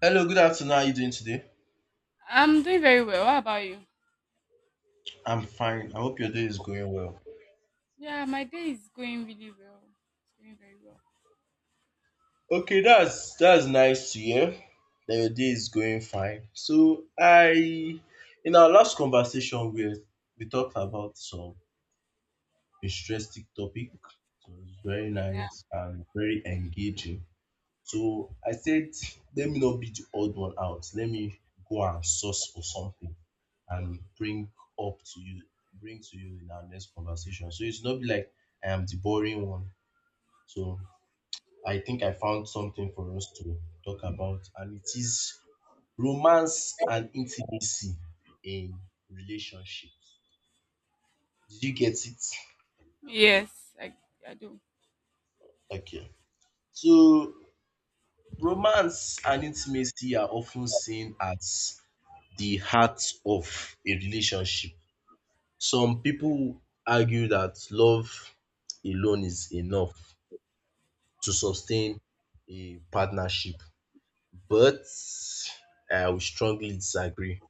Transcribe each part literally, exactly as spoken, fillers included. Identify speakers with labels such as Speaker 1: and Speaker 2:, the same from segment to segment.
Speaker 1: Hello, good afternoon. How are you doing today?
Speaker 2: I'm doing very well. How about you?
Speaker 1: I'm fine. I hope your day is going well.
Speaker 2: Yeah, my day is going really well. It's going very well.
Speaker 1: Okay, that's that's nice to hear that your day is going fine. So I in our last conversation we we talked about some interesting topic. So it was very
Speaker 2: Yeah.
Speaker 1: nice and very engaging. So I said, let me not be the odd one out. Let me go and source for something and bring up to you bring to you in our next conversation. So it's not be like I am the boring one. So I think I found something for us to talk about, and it is romance and intimacy in relationships. Did you get it?
Speaker 2: Yes, I, I do.
Speaker 1: Okay. So romance and intimacy are often seen as the heart of a relationship. Some people argue that love alone is enough to sustain a partnership, but I will strongly disagree.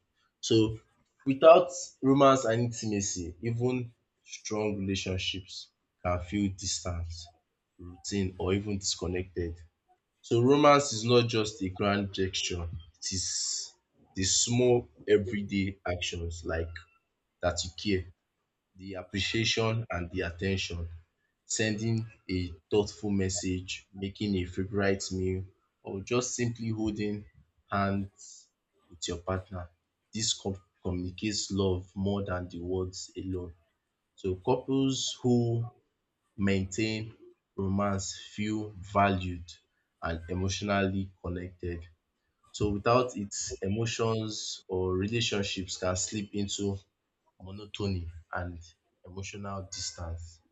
Speaker 1: So without romance and intimacy, even strong relationships can feel distant, routine, or even disconnected. So romance is not just a grand gesture, it is the small everyday actions, like that you care, the appreciation and the attention, sending a thoughtful message, making a favorite meal, or just simply holding hands with your partner. This com- communicates love more than the words alone. So couples who maintain romance feel valued and emotionally connected. So without it, emotions or relationships can slip into monotony and emotional distance.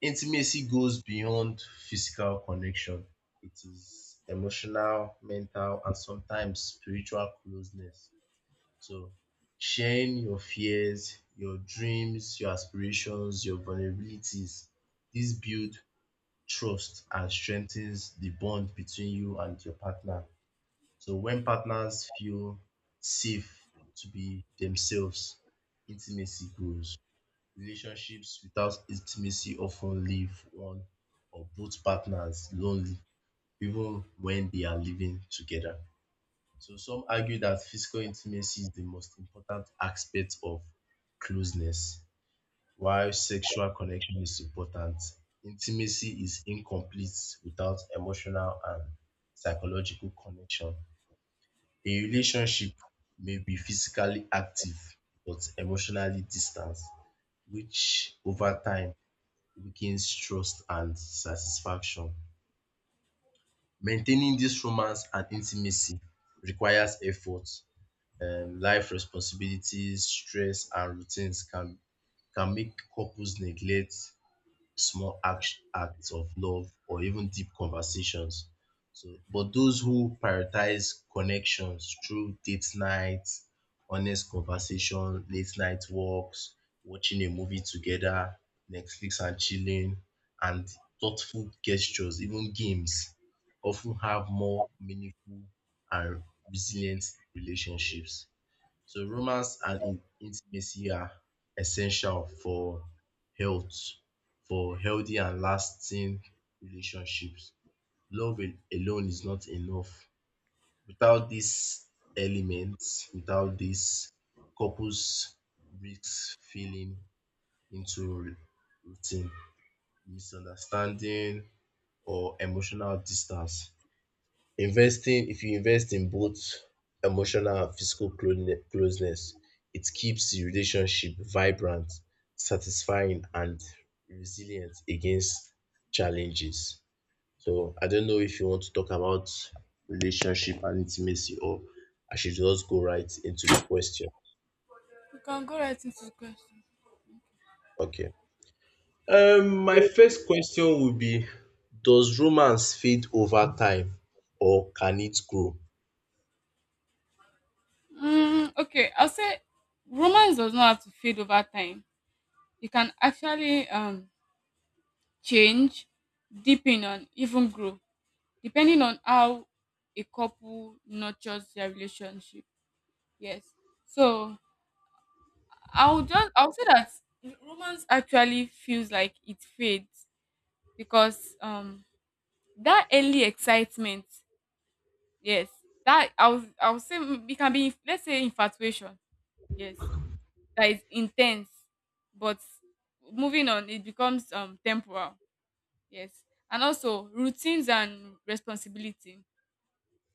Speaker 1: Intimacy goes beyond physical connection. It is emotional, mental, and sometimes spiritual closeness. So, sharing your fears, your dreams, your aspirations, your vulnerabilities, this builds trust and strengthens the bond between you and your partner. So, when partners feel safe to be themselves, intimacy grows. Relationships without intimacy often leave one or both partners lonely, even when they are living together. So some argue that physical intimacy is the most important aspect of closeness, while sexual connection is important. Intimacy is incomplete without emotional and psychological connection. A relationship may be physically active but emotionally distant, which over time weakens trust and satisfaction. Maintaining this romance and intimacy requires effort. Um, life responsibilities, stress, and routines can, can make couples neglect small act, acts of love or even deep conversations. So, but those who prioritize connections through date nights, honest conversation, late night walks, watching a movie together, Netflix and chilling, and thoughtful gestures, even games, often have more meaningful and resilient relationships. So romance and in- intimacy are essential for health, for healthy and lasting relationships. Love al- alone is not enough. Without these elements, without this, couples risk falling into routine, misunderstanding, or emotional distance. Investing, if you invest in both emotional and physical clone- closeness, it keeps the relationship vibrant, satisfying, and resilient against challenges. So I don't know if you want to talk about relationship and intimacy, or I should just go right into the question.
Speaker 2: You can go right into the question.
Speaker 1: Okay. Um, my first question would be, does romance fade over time, or can it grow?
Speaker 2: Mm, okay, I'll say romance does not have to fade over time. It can actually um change, deepen, and even grow depending on how a couple nurtures their relationship. Yes. So I'll just I'll say that romance actually feels like it fades because um that early excitement, yes, that i was i would say, mm, it can be inf- let's say infatuation, yes, that is intense, but moving on it becomes um temporal, yes, and also routines and responsibility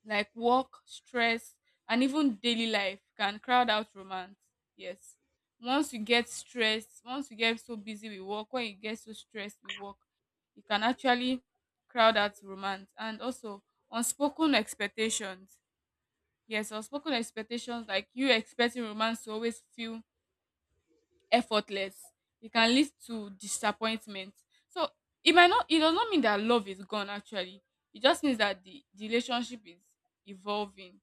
Speaker 2: like work, stress, and even daily life can crowd out romance. Yes. Once you get stressed, once you get so busy with work, when you get so stressed with work, you can actually crowd out romance. And also, unspoken expectations. Yes, unspoken expectations, like you expecting romance to always feel effortless, it can lead to disappointment. So it might not, it does not mean that love is gone actually. It just means that the, the relationship is evolving.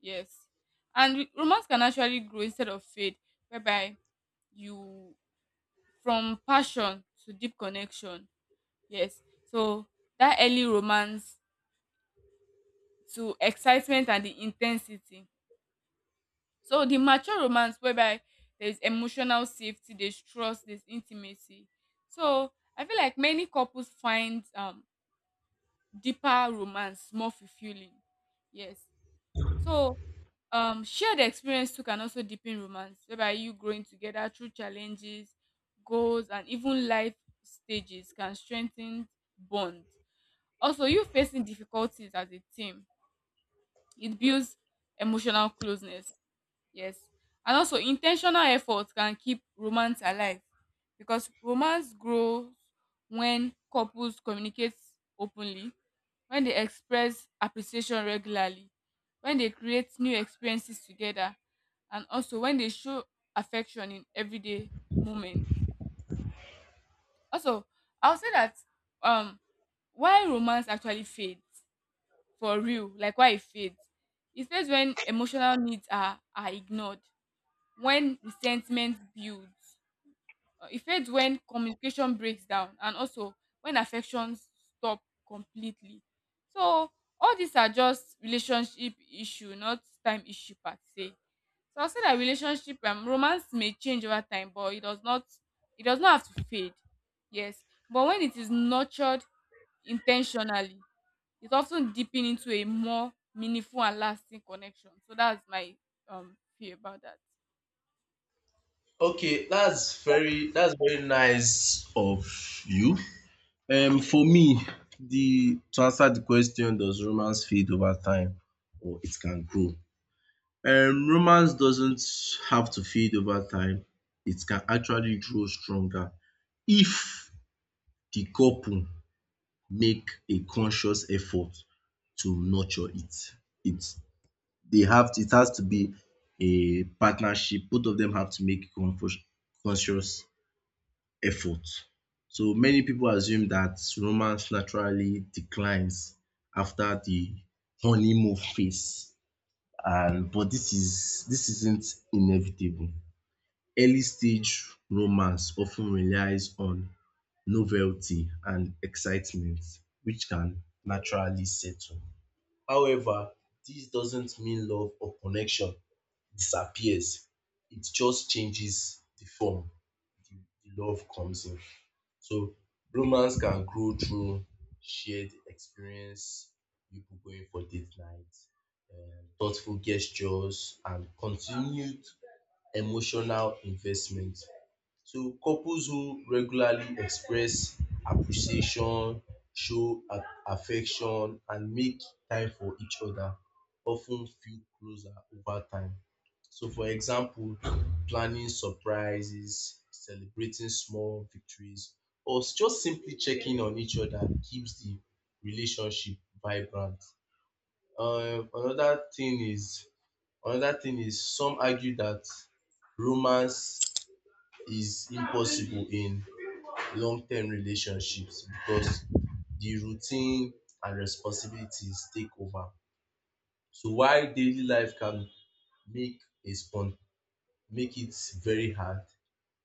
Speaker 2: Yes. And romance can actually grow instead of fade, whereby you from passion to deep connection. Yes. So that early romance to excitement and the intensity. So the mature romance whereby there's emotional safety, there's trust, there's intimacy. So I feel like many couples find um deeper romance more fulfilling. Yes. So Um, shared experience too can also deepen romance, whereby you growing together through challenges, goals, and even life stages can strengthen bond. Also, you facing difficulties as a team, it builds emotional closeness. Yes. And also intentional effort can keep romance alive because romance grows when couples communicate openly, when they express appreciation regularly, when they create new experiences together, and also when they show affection in everyday moments. Also, I'll say that um why romance actually fades for real, like why it fades. It fades when emotional needs are are ignored, when resentment builds. Uh, It fades when communication breaks down and also when affections stop completely. So all these are just relationship issue, not time issue per se. So I'll say that relationship um, romance may change over time, but it does not, it does not have to fade. Yes. But when it is nurtured intentionally, it often deepen into a more meaningful and lasting connection. So that's my um feel about that.
Speaker 1: Okay, that's very that's very nice of you. Um, for me, the to answer the question, does romance fade over time or it can grow? Um, romance doesn't have to fade over time. It can actually grow stronger if the couple make a conscious effort to nurture it. It they have to, it has to be a partnership. Both of them have to make a conscious conscious effort. So many people assume that romance naturally declines after the honeymoon phase, and but this is this isn't inevitable. Early stage romance often relies on novelty and excitement, which can naturally settle. However, this doesn't mean love or connection disappears. It just changes the form. The the love comes in. So romance can grow through shared experience, people going for date night, thoughtful gestures, and continued emotional investment. So couples who regularly express appreciation, show a- affection, and make time for each other often feel closer over time. So for example, planning surprises, celebrating small victories, or just simply checking on each other keeps the relationship vibrant. Um another thing is another thing is some argue that romance is impossible in long-term relationships because the routine and responsibilities take over. So while daily life can make a spon make it very hard,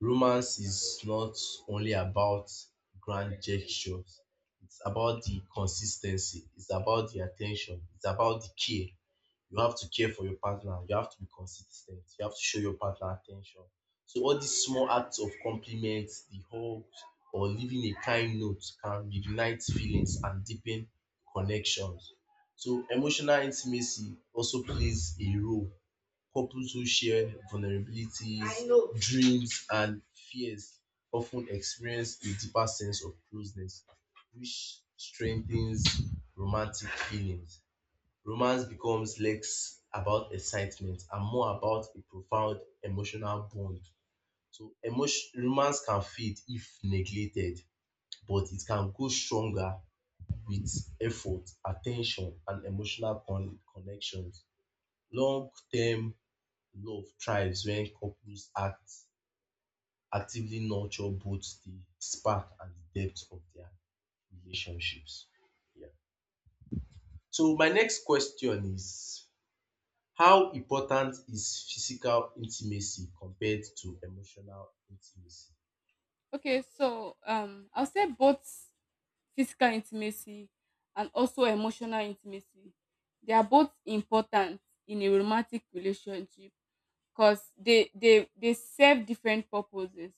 Speaker 1: romance is not only about grand gestures. It's about the consis ten cy, it's about the at ten tion, it's about the care. You have to care for your partner. You have to be consistent. You have to show your partner attention. So all these small acts of compliments, the hugs, or leaving a kind note can reignite feelings and deepen connections. So emotional intimacy also plays a role. Couples who share vulnerabilities, dreams, and fears often experience a deeper sense of closeness, which strengthens romantic feelings. Romance becomes less about excitement and more about a profound emotional bond. So emotion, romance can fade if neglected, but it can grow stronger with effort, attention, and emotional con- connections. Long-term love thrives when couples act actively nurture both the spark and the depth of their relationships. Yeah. So my next question is: How important is physical intimacy compared to emotional intimacy?
Speaker 2: Okay, so um, I'll say both physical intimacy and also emotional intimacy. They are both important in a romantic relationship because they they they serve different purposes,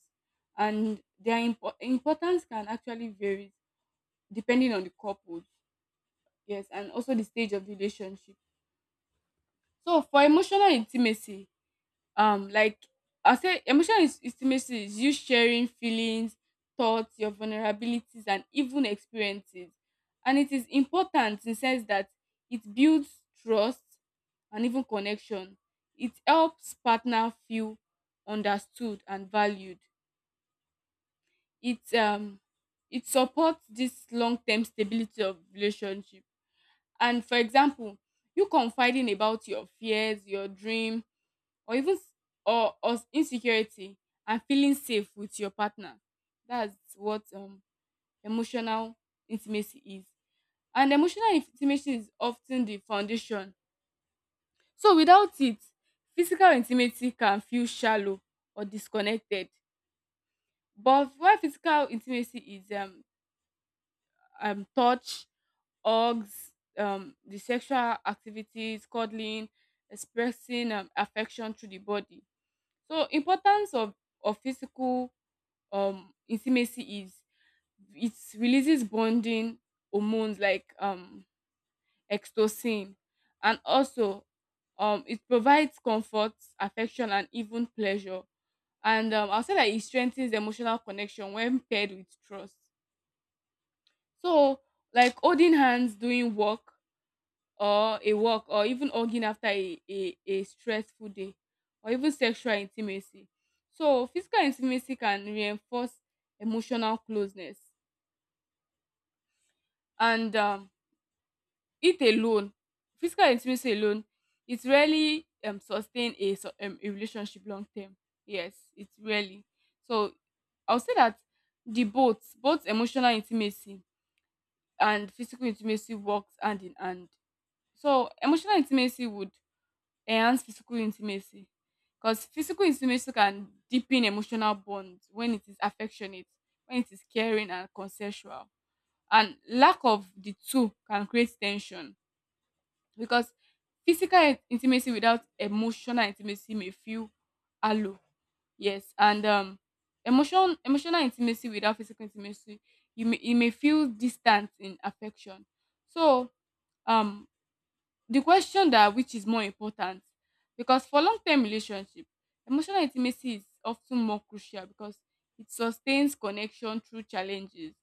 Speaker 2: and their impo- importance can actually vary depending on the couple. Yes, and also the stage of the relationship. So for emotional intimacy, um, like I say, emotional is- intimacy is you sharing feelings, thoughts, your vulnerabilities, and even experiences, and it is important in sense that it builds trust and even connection. It helps partner feel understood and valued. It um it supports this long-term stability of relationship. And for example, you confiding about your fears, your dream, or even s- or, or insecurity, and feeling safe with your partner, that's what, um, emotional intimacy is. And emotional intimacy is often the foundation, so without it, physical intimacy can feel shallow or disconnected. But why physical intimacy is, um, um, touch, hugs, um, the sexual activities, cuddling, expressing, um, affection through the body. So importance of of physical, um, intimacy is it releases bonding hormones like, um, oxytocin, and also, um, it provides comfort, affection, and even pleasure. And um, I'll say that it strengthens emotional connection when paired with trust. So like holding hands doing work, or a walk, or even hugging after a, a, a stressful day, or even sexual intimacy. So physical intimacy can reinforce emotional closeness. And um, it alone, physical intimacy alone, it really, um, sustain a, su- um, a relationship long term. Yes, it really. So I'll say that the both both emotional intimacy and physical intimacy works hand in hand. So emotional intimacy would enhance physical intimacy because physical intimacy can deepen emotional bonds when it is affectionate, when it is caring and consensual. And lack of the two can create tension because physical in- intimacy without emotional intimacy may feel hollow. Yes, and um, emotion emotional intimacy without physical intimacy, you may, it may feel distant in affection. So um, the question that which is more important, because for long term relationship, emotional intimacy is often more crucial because it sustains connection through challenges.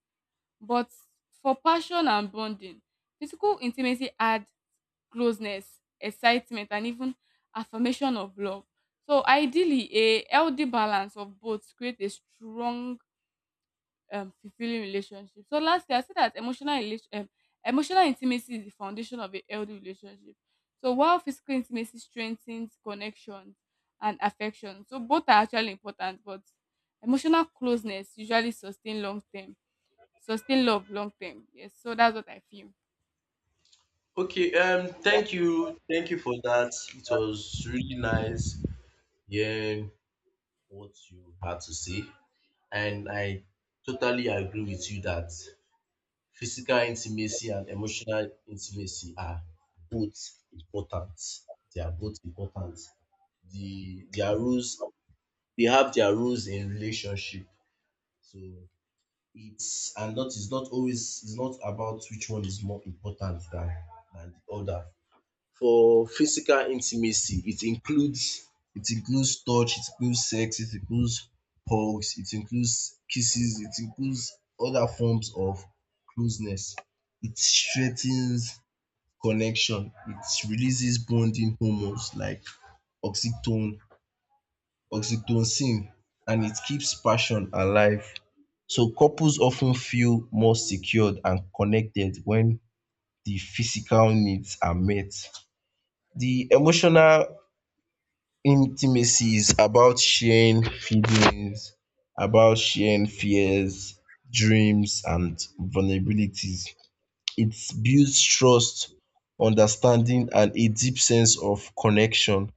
Speaker 2: But for passion and bonding, physical intimacy add closeness, excitement, and even affirmation of love. So ideally, a healthy balance of both create a strong, um, fulfilling relationship. So lastly, I said that emotional relation, um, emotional intimacy is the foundation of a healthy relationship. So while physical intimacy strengthens connections and affection, so both are actually important, but emotional closeness usually sustain long term, sustain love long term. Yes, so that's what I feel.
Speaker 1: Okay, um, thank you, thank you, for that. It was really nice hearing what you had to say, and I totally agree with you that physical intimacy and emotional intimacy are both important. They are both important. The their roles they have their roles in relationship. So it's and that is not always it's not about which one is more important than than the other. For physical intimacy, it includes it includes touch, it includes sex, it includes hugs, it includes kisses, it includes other forms of closeness. It strengthens connection, it releases bonding hormones like oxytocin oxytocin, and it keeps passion alive, so couples often feel more secured and connected when the physical needs are met. The emotional intimacy is about sharing feelings, about sharing fears, dreams, and vulnerabilities. It builds trust, understanding, and a deep sense of connection.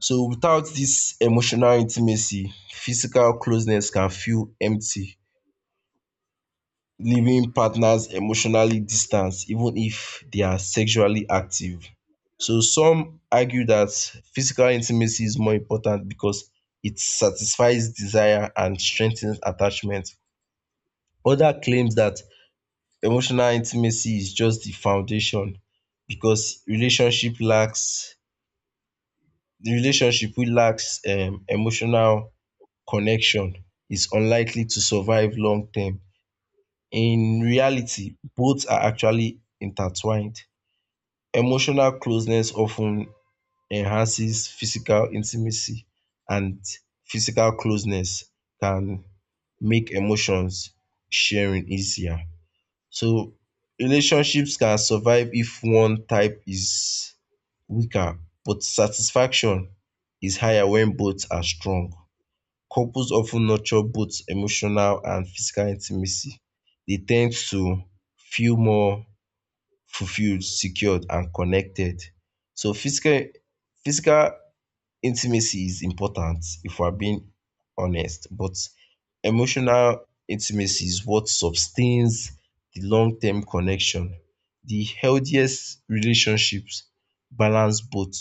Speaker 1: So without this emotional intimacy, physical closeness can feel empty, leaving partners emotionally distant even if they are sexually active. So some argue that physical intimacy is more important because it satisfies desire and strengthens attachment. Other claims that emotional intimacy is just the foundation, because relationship lacks the relationship wey lacks um emotional connection is unlikely to survive long term. In reality, both are actually intertwined. Emotional closeness often enhances physical intimacy, and physical closeness can make emotions sharing easier. So relationships can survive if one type is weaker, but satisfaction is higher when both are strong. Couples often nurture both emotional and physical intimacy. They tend to feel more fulfilled, secured, and connected. So physical physical intimacy is important if we are being honest, but emotional intimacy is what sustains the long-term connection. The healthiest relationships balance both.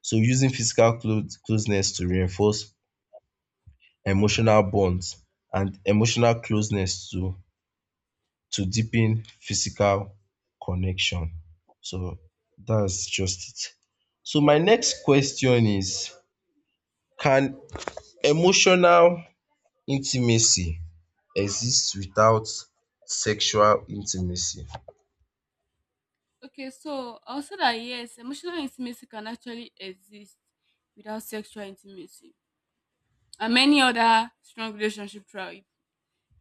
Speaker 1: So using physical close closeness to reinforce emotional bonds, and emotional closeness to to deepen physical connection. So that's just it. So my next question is, can emotional intimacy exist without sexual intimacy?
Speaker 2: Okay, so also that, yes, emotional intimacy can actually exist without sexual intimacy, and many other strong relationship thrive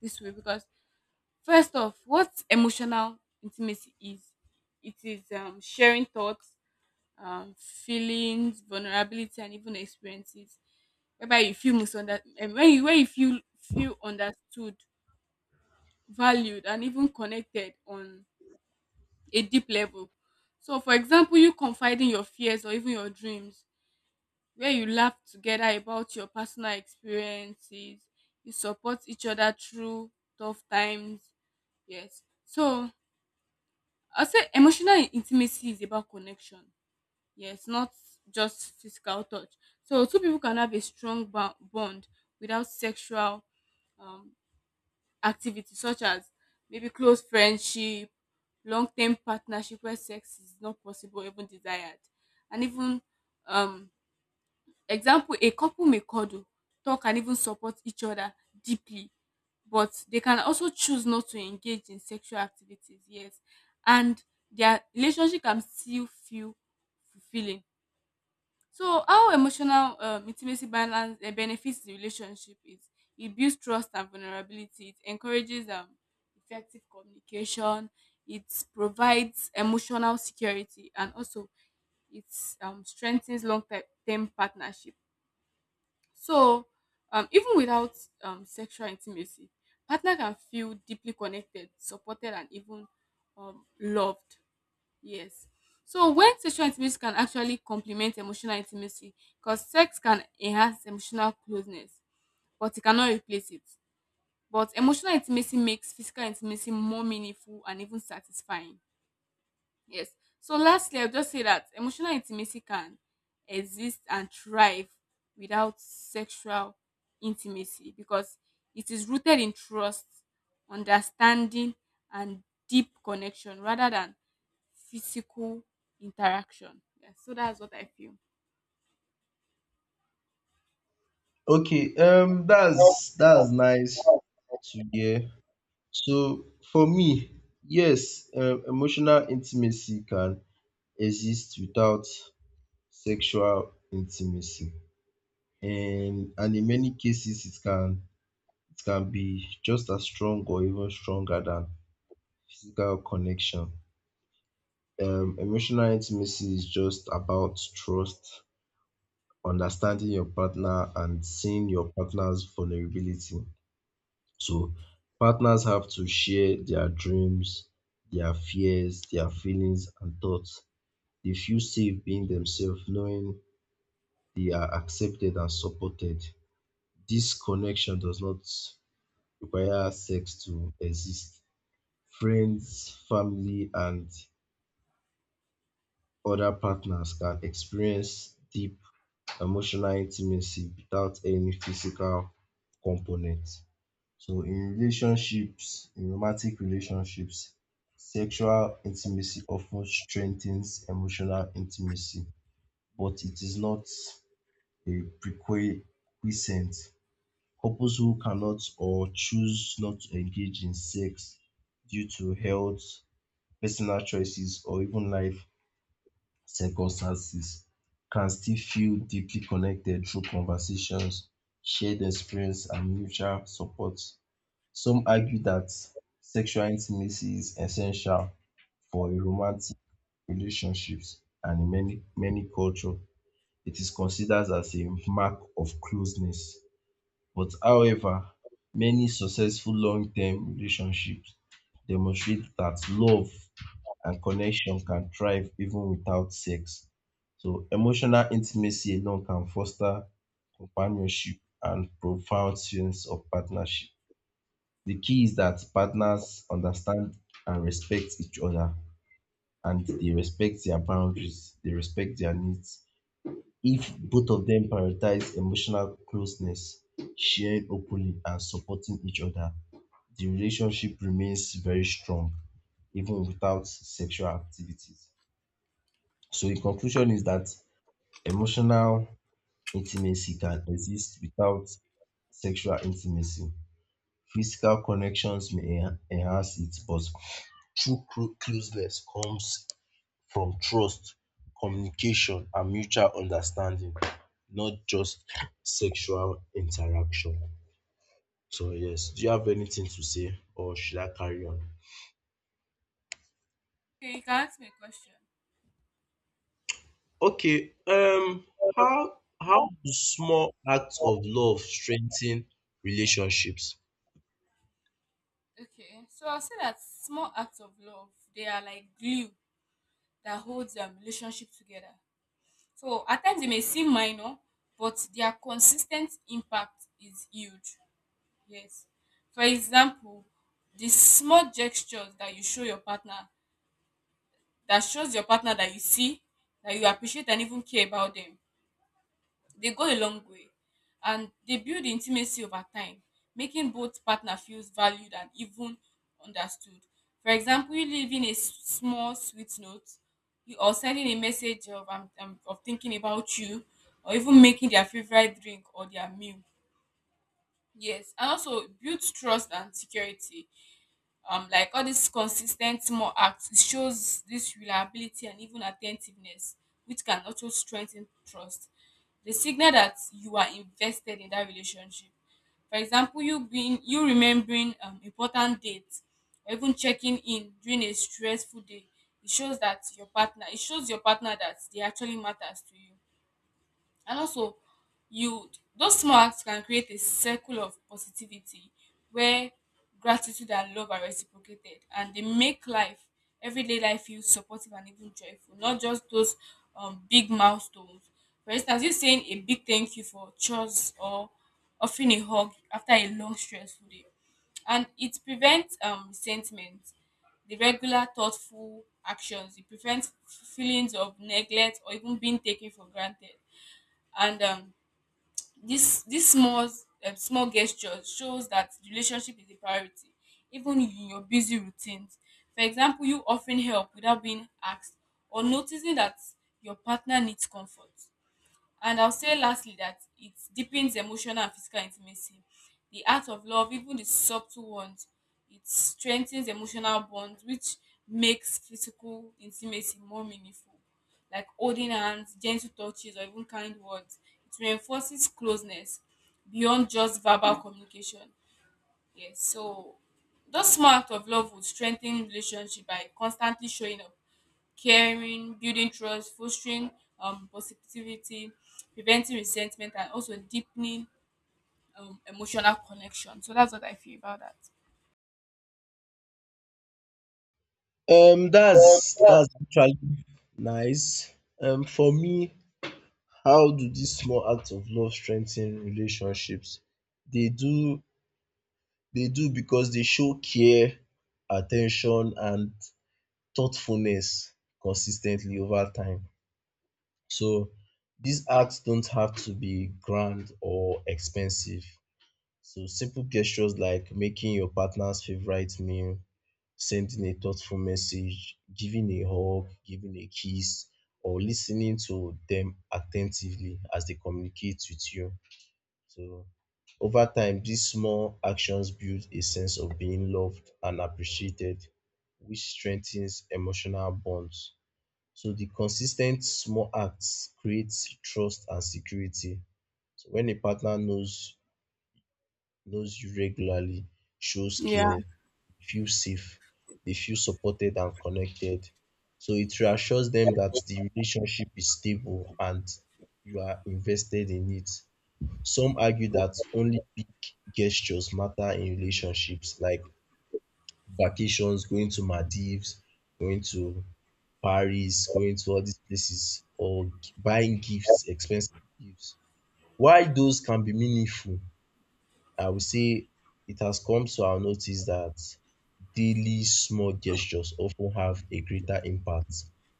Speaker 2: this way. Because first off, what emotional intimacy is, it is, um, sharing thoughts, um, feelings, vulnerability, and even experiences, whereby you feel misunderstood, when you, when you feel feel understood, valued, and even connected on a deep level. So for example, you confiding your fears or even your dreams, where you laugh together about your personal experiences, you support each other through tough times. Yes. So I'll say emotional intimacy is about connection. Yes, not just physical touch. So two people can have a strong bo- bond without sexual, um, activity, such as maybe close friendship, long term partnership where sex is not possible, even desired, and even, um, example, a couple may cuddle, talk, and even support each other deeply, but they can also choose not to engage in sexual activities, yes, and their relationship can still feel fulfilling. So how emotional, um, intimacy balance, uh, benefits the relationship is it builds trust and vulnerability, it encourages, um, effective communication, it provides emotional security, and also it, um, strengthens long-term partnership. So, um, even without, um, sexual intimacy, partner can feel deeply connected, supported, and even, um, loved. Yes. So when sexual intimacy can actually complement emotional intimacy, because sex can enhance emotional closeness, but it cannot replace it. But emotional intimacy makes physical intimacy more meaningful and even satisfying. Yes. So lastly, I'll just say that emotional intimacy can exist and thrive without sexual intimacy because it is rooted in trust, understanding, and deep connection rather than physical interaction. Yeah, so that's what I feel.
Speaker 1: Okay, um that's that's nice to hear. So for me, yes, um emotional intimacy can exist without sexual intimacy. And and in many cases it can it can be just as strong or even stronger than physical connection. Um emotional intimacy is just about trust, understanding your partner, and seeing your partner's vulnerability. So partners have to share their dreams, their fears, their feelings, and thoughts. They feel safe being themselves, knowing they are accepted and supported. This connection does not require sex to exist. Friends, family, and other partners can experience deep emotional intimacy without any physical component. So in relationships, in romantic relationships, sexual intimacy often strengthens emotional intimacy, but it is not a prerequisite. Couples who cannot or choose not to engage in sex due to health, personal choices, or even life circumstances can still feel deeply connected through conversations, shared experience, and mutual support. Some argue that sexual intimacy is essential for a romantic relationships, and in many many cultures, it is considered as a mark of closeness. But however, many successful long-term relationships demonstrate that love and connection can thrive even without sex. So emotional intimacy alone can foster companionship and profound sense of partnership. The key is that partners understand and respect each other, and they respect their boundaries, they respect their needs. If both of them prioritize emotional closeness, sharing openly and supporting each other, the relationship remains very strong even without sexual activities. So in conclusion is that emotional intimacy can exist without sexual intimacy. Physical connections may enha- enhance it, but true clo- closeness comes from trust, communication, and mutual understanding, not just sexual interaction. So yes, do you have anything to say or should I carry on?
Speaker 2: Okay, you can ask me a question.
Speaker 1: Okay, um, how how do small acts of love strengthen relationships?
Speaker 2: Okay, so I'll say that small acts of love, they are like glue that holds, um, relationship together. So at times it may seem minor, but their consistent impact is huge. Yes. For example, the small gestures that you show your partner, that shows your partner that you see, that you appreciate and even care about them. They go a long way, and they build intimacy over time, making both partner feels valued and even understood. For example, you leaving a s- small sweet note, you- or sending a message of, "I'm I'm of thinking about you," or even making their favorite drink or their meal. Yes, and also it builds trust and security, um, like all these consistent small acts, it shows this reliability and even attentiveness, which can also strengthen trust. The signal that you are invested in that relationship. For example, you being you remembering, um, important dates, or even checking in during a stressful day, it shows that your partner, it shows your partner that they actually matters to you. And also, you, those small acts can create a circle of positivity where gratitude and love are reciprocated, and they make life, everyday life, feel supportive and even joyful, not just those, um, big milestones. For instance, you saying a big thank you for chores, or offering a hug after a long stressful day. And it prevents, um, resentment. The regular thoughtful actions, it prevents feelings of neglect or even being taken for granted. And um, this this small, um, small gesture shows that the relationship is a priority even in your busy routines. For example, you offering help without being asked, or noticing that your partner needs comfort. And I'll say lastly that it deepens emotional and physical intimacy. The act of love, even the subtle ones, it strengthens emotional bonds, which makes physical intimacy more meaningful. Like holding hands, gentle touches, or even kind words. It reinforces closeness beyond just verbal communication. Yes, so those small acts of love would strengthen relationship by constantly showing up, caring, building trust, fostering, um, positivity, preventing resentment, and also deepening, um, emotional connection. So that's what I feel about that.
Speaker 1: Um, that's that's actually nice. Um, for me, how do these small acts of love strengthen relationships? They do they do because they show care, attention, and thoughtfulness consistently over time. So these acts don't have to be grand or expensive. So simple gestures like making your partner's favorite meal, sending a thoughtful message, giving a hug, giving a kiss, or listening to them attentively as they communicate with you. So over time, these small actions build a sense of being loved and appreciated, which strengthens emotional bonds. So the consistent small acts creates trust and security. So when a partner knows knows you regularly shows
Speaker 2: Yeah.
Speaker 1: care, feel safe, they feel supported and connected. So it reassures them that the relationship is stable and you are invested in it. Some argue that only big gestures matter in relationships, like vacations, going to Maldives, going to Paris, going to all these places, or g- buying gifts, expensive gifts. While those can be meaningful, I would say it has come to our notice that daily small gestures often have a greater impact,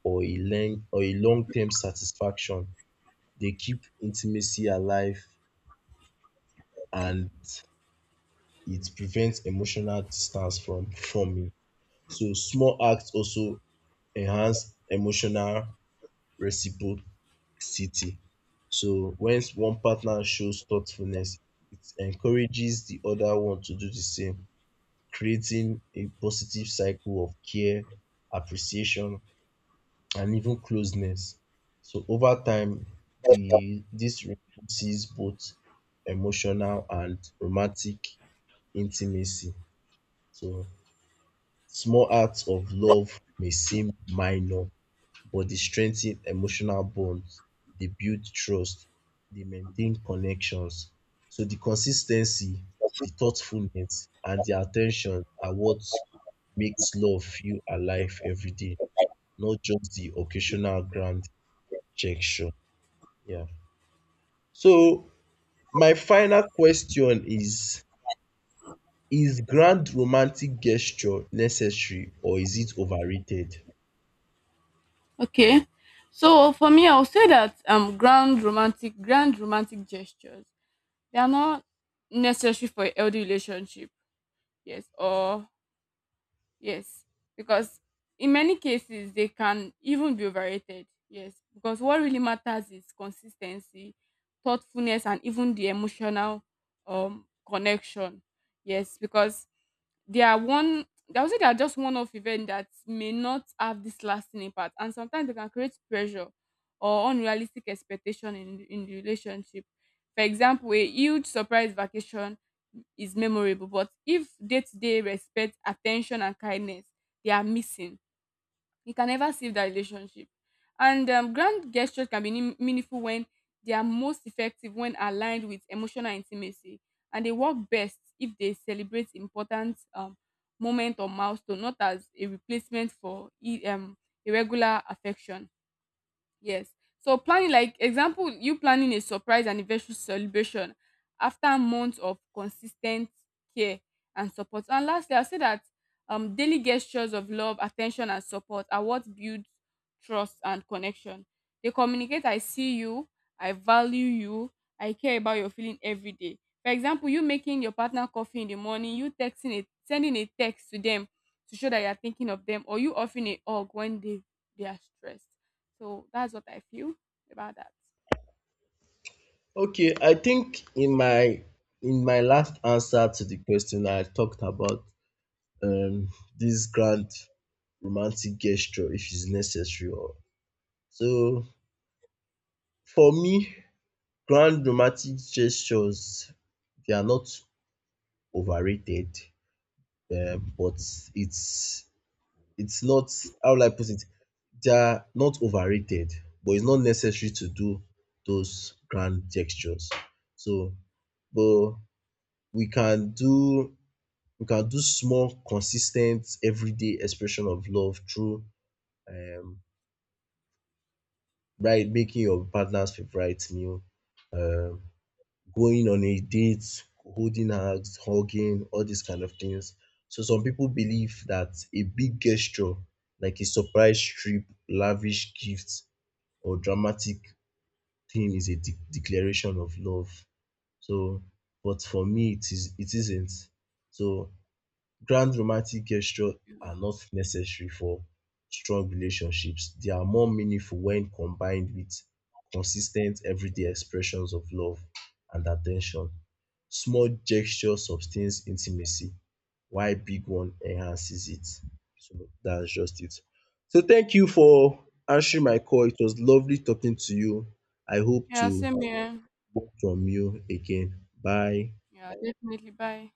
Speaker 1: or a long or a long-term satisfaction. They keep intimacy alive, and it prevents emotional distance from forming. So small acts also enhance emotional reciprocity. So when one partner shows thoughtfulness, it encourages the other one to do the same, creating a positive cycle of care, appreciation, and even closeness. So over time, the this reinforces both emotional and romantic intimacy. So small acts of love may seem minor, but they strengthen emotional bonds, they build trust, they maintain connections. So the consistency, the thoughtfulness, and the attention are what makes love feel alive every day, not just the occasional grand gesture. Yeah. So my final question is: Is grand romantic gesture necessary or is it overrated?
Speaker 2: Okay. So for me, I'll say that um, grand romantic, grand romantic gestures, they are not necessary for a healthy relationship. Yes, or Yes, because in many cases they can even be overrated. Yes, because what really matters is consistency, thoughtfulness, and even the emotional, um, connection. Yes, because they are one I would say they are just one off event that may not have this lasting impact, and sometimes they can create pressure or unrealistic expectation in in the relationship. For example, a huge surprise vacation is memorable, but if day to day respect, attention, and kindness, they are missing, you can never save that relationship. And um, grand gestures can be nim- meaningful when they are most effective when aligned with emotional intimacy, and they work best if they celebrate important, um, moment or milestone, not as a replacement for e- um, irregular affection. Yes. So planning, like example, you planning a surprise anniversary celebration after months of consistent care and support. And lastly, I'll say that um, daily gestures of love, attention, and support are what builds trust and connection. They communicate, I see you, I value you, I care about your feeling every day. For example, you making your partner coffee in the morning, you texting it, sending a text to them to show that you are thinking of them, or you offering a hug when they, they are stressed, so that's what I feel about that.
Speaker 1: Okay, I think in my in my last answer to the question, I talked about um this grand romantic gesture, if it's necessary or. So for me, grand romantic gestures, they are not overrated, um but it's it's not. How will I put it? They are not overrated, but it's not necessary to do those grand gestures. So but we can do we can do small, consistent, everyday expression of love through um, right, making your partner's favorite meal, um, going on a date, holding hands, hugging, all these kind of things. So some people believe that a big gesture, like a surprise trip, lavish gift, or dramatic thing is a de- declaration of love. So, but for me, it is it isn't. So grand romantic gestures are not necessary for strong relationships. They are more meaningful when combined with consistent everyday expressions of love and attention. Small gesture sustains intimacy while big one enhances it. So that's just it. So thank you for answering my call. It was lovely talking to you. I hope
Speaker 2: Yeah,
Speaker 1: to
Speaker 2: same here.
Speaker 1: hear from you again. Bye.
Speaker 2: Yeah, definitely. Bye.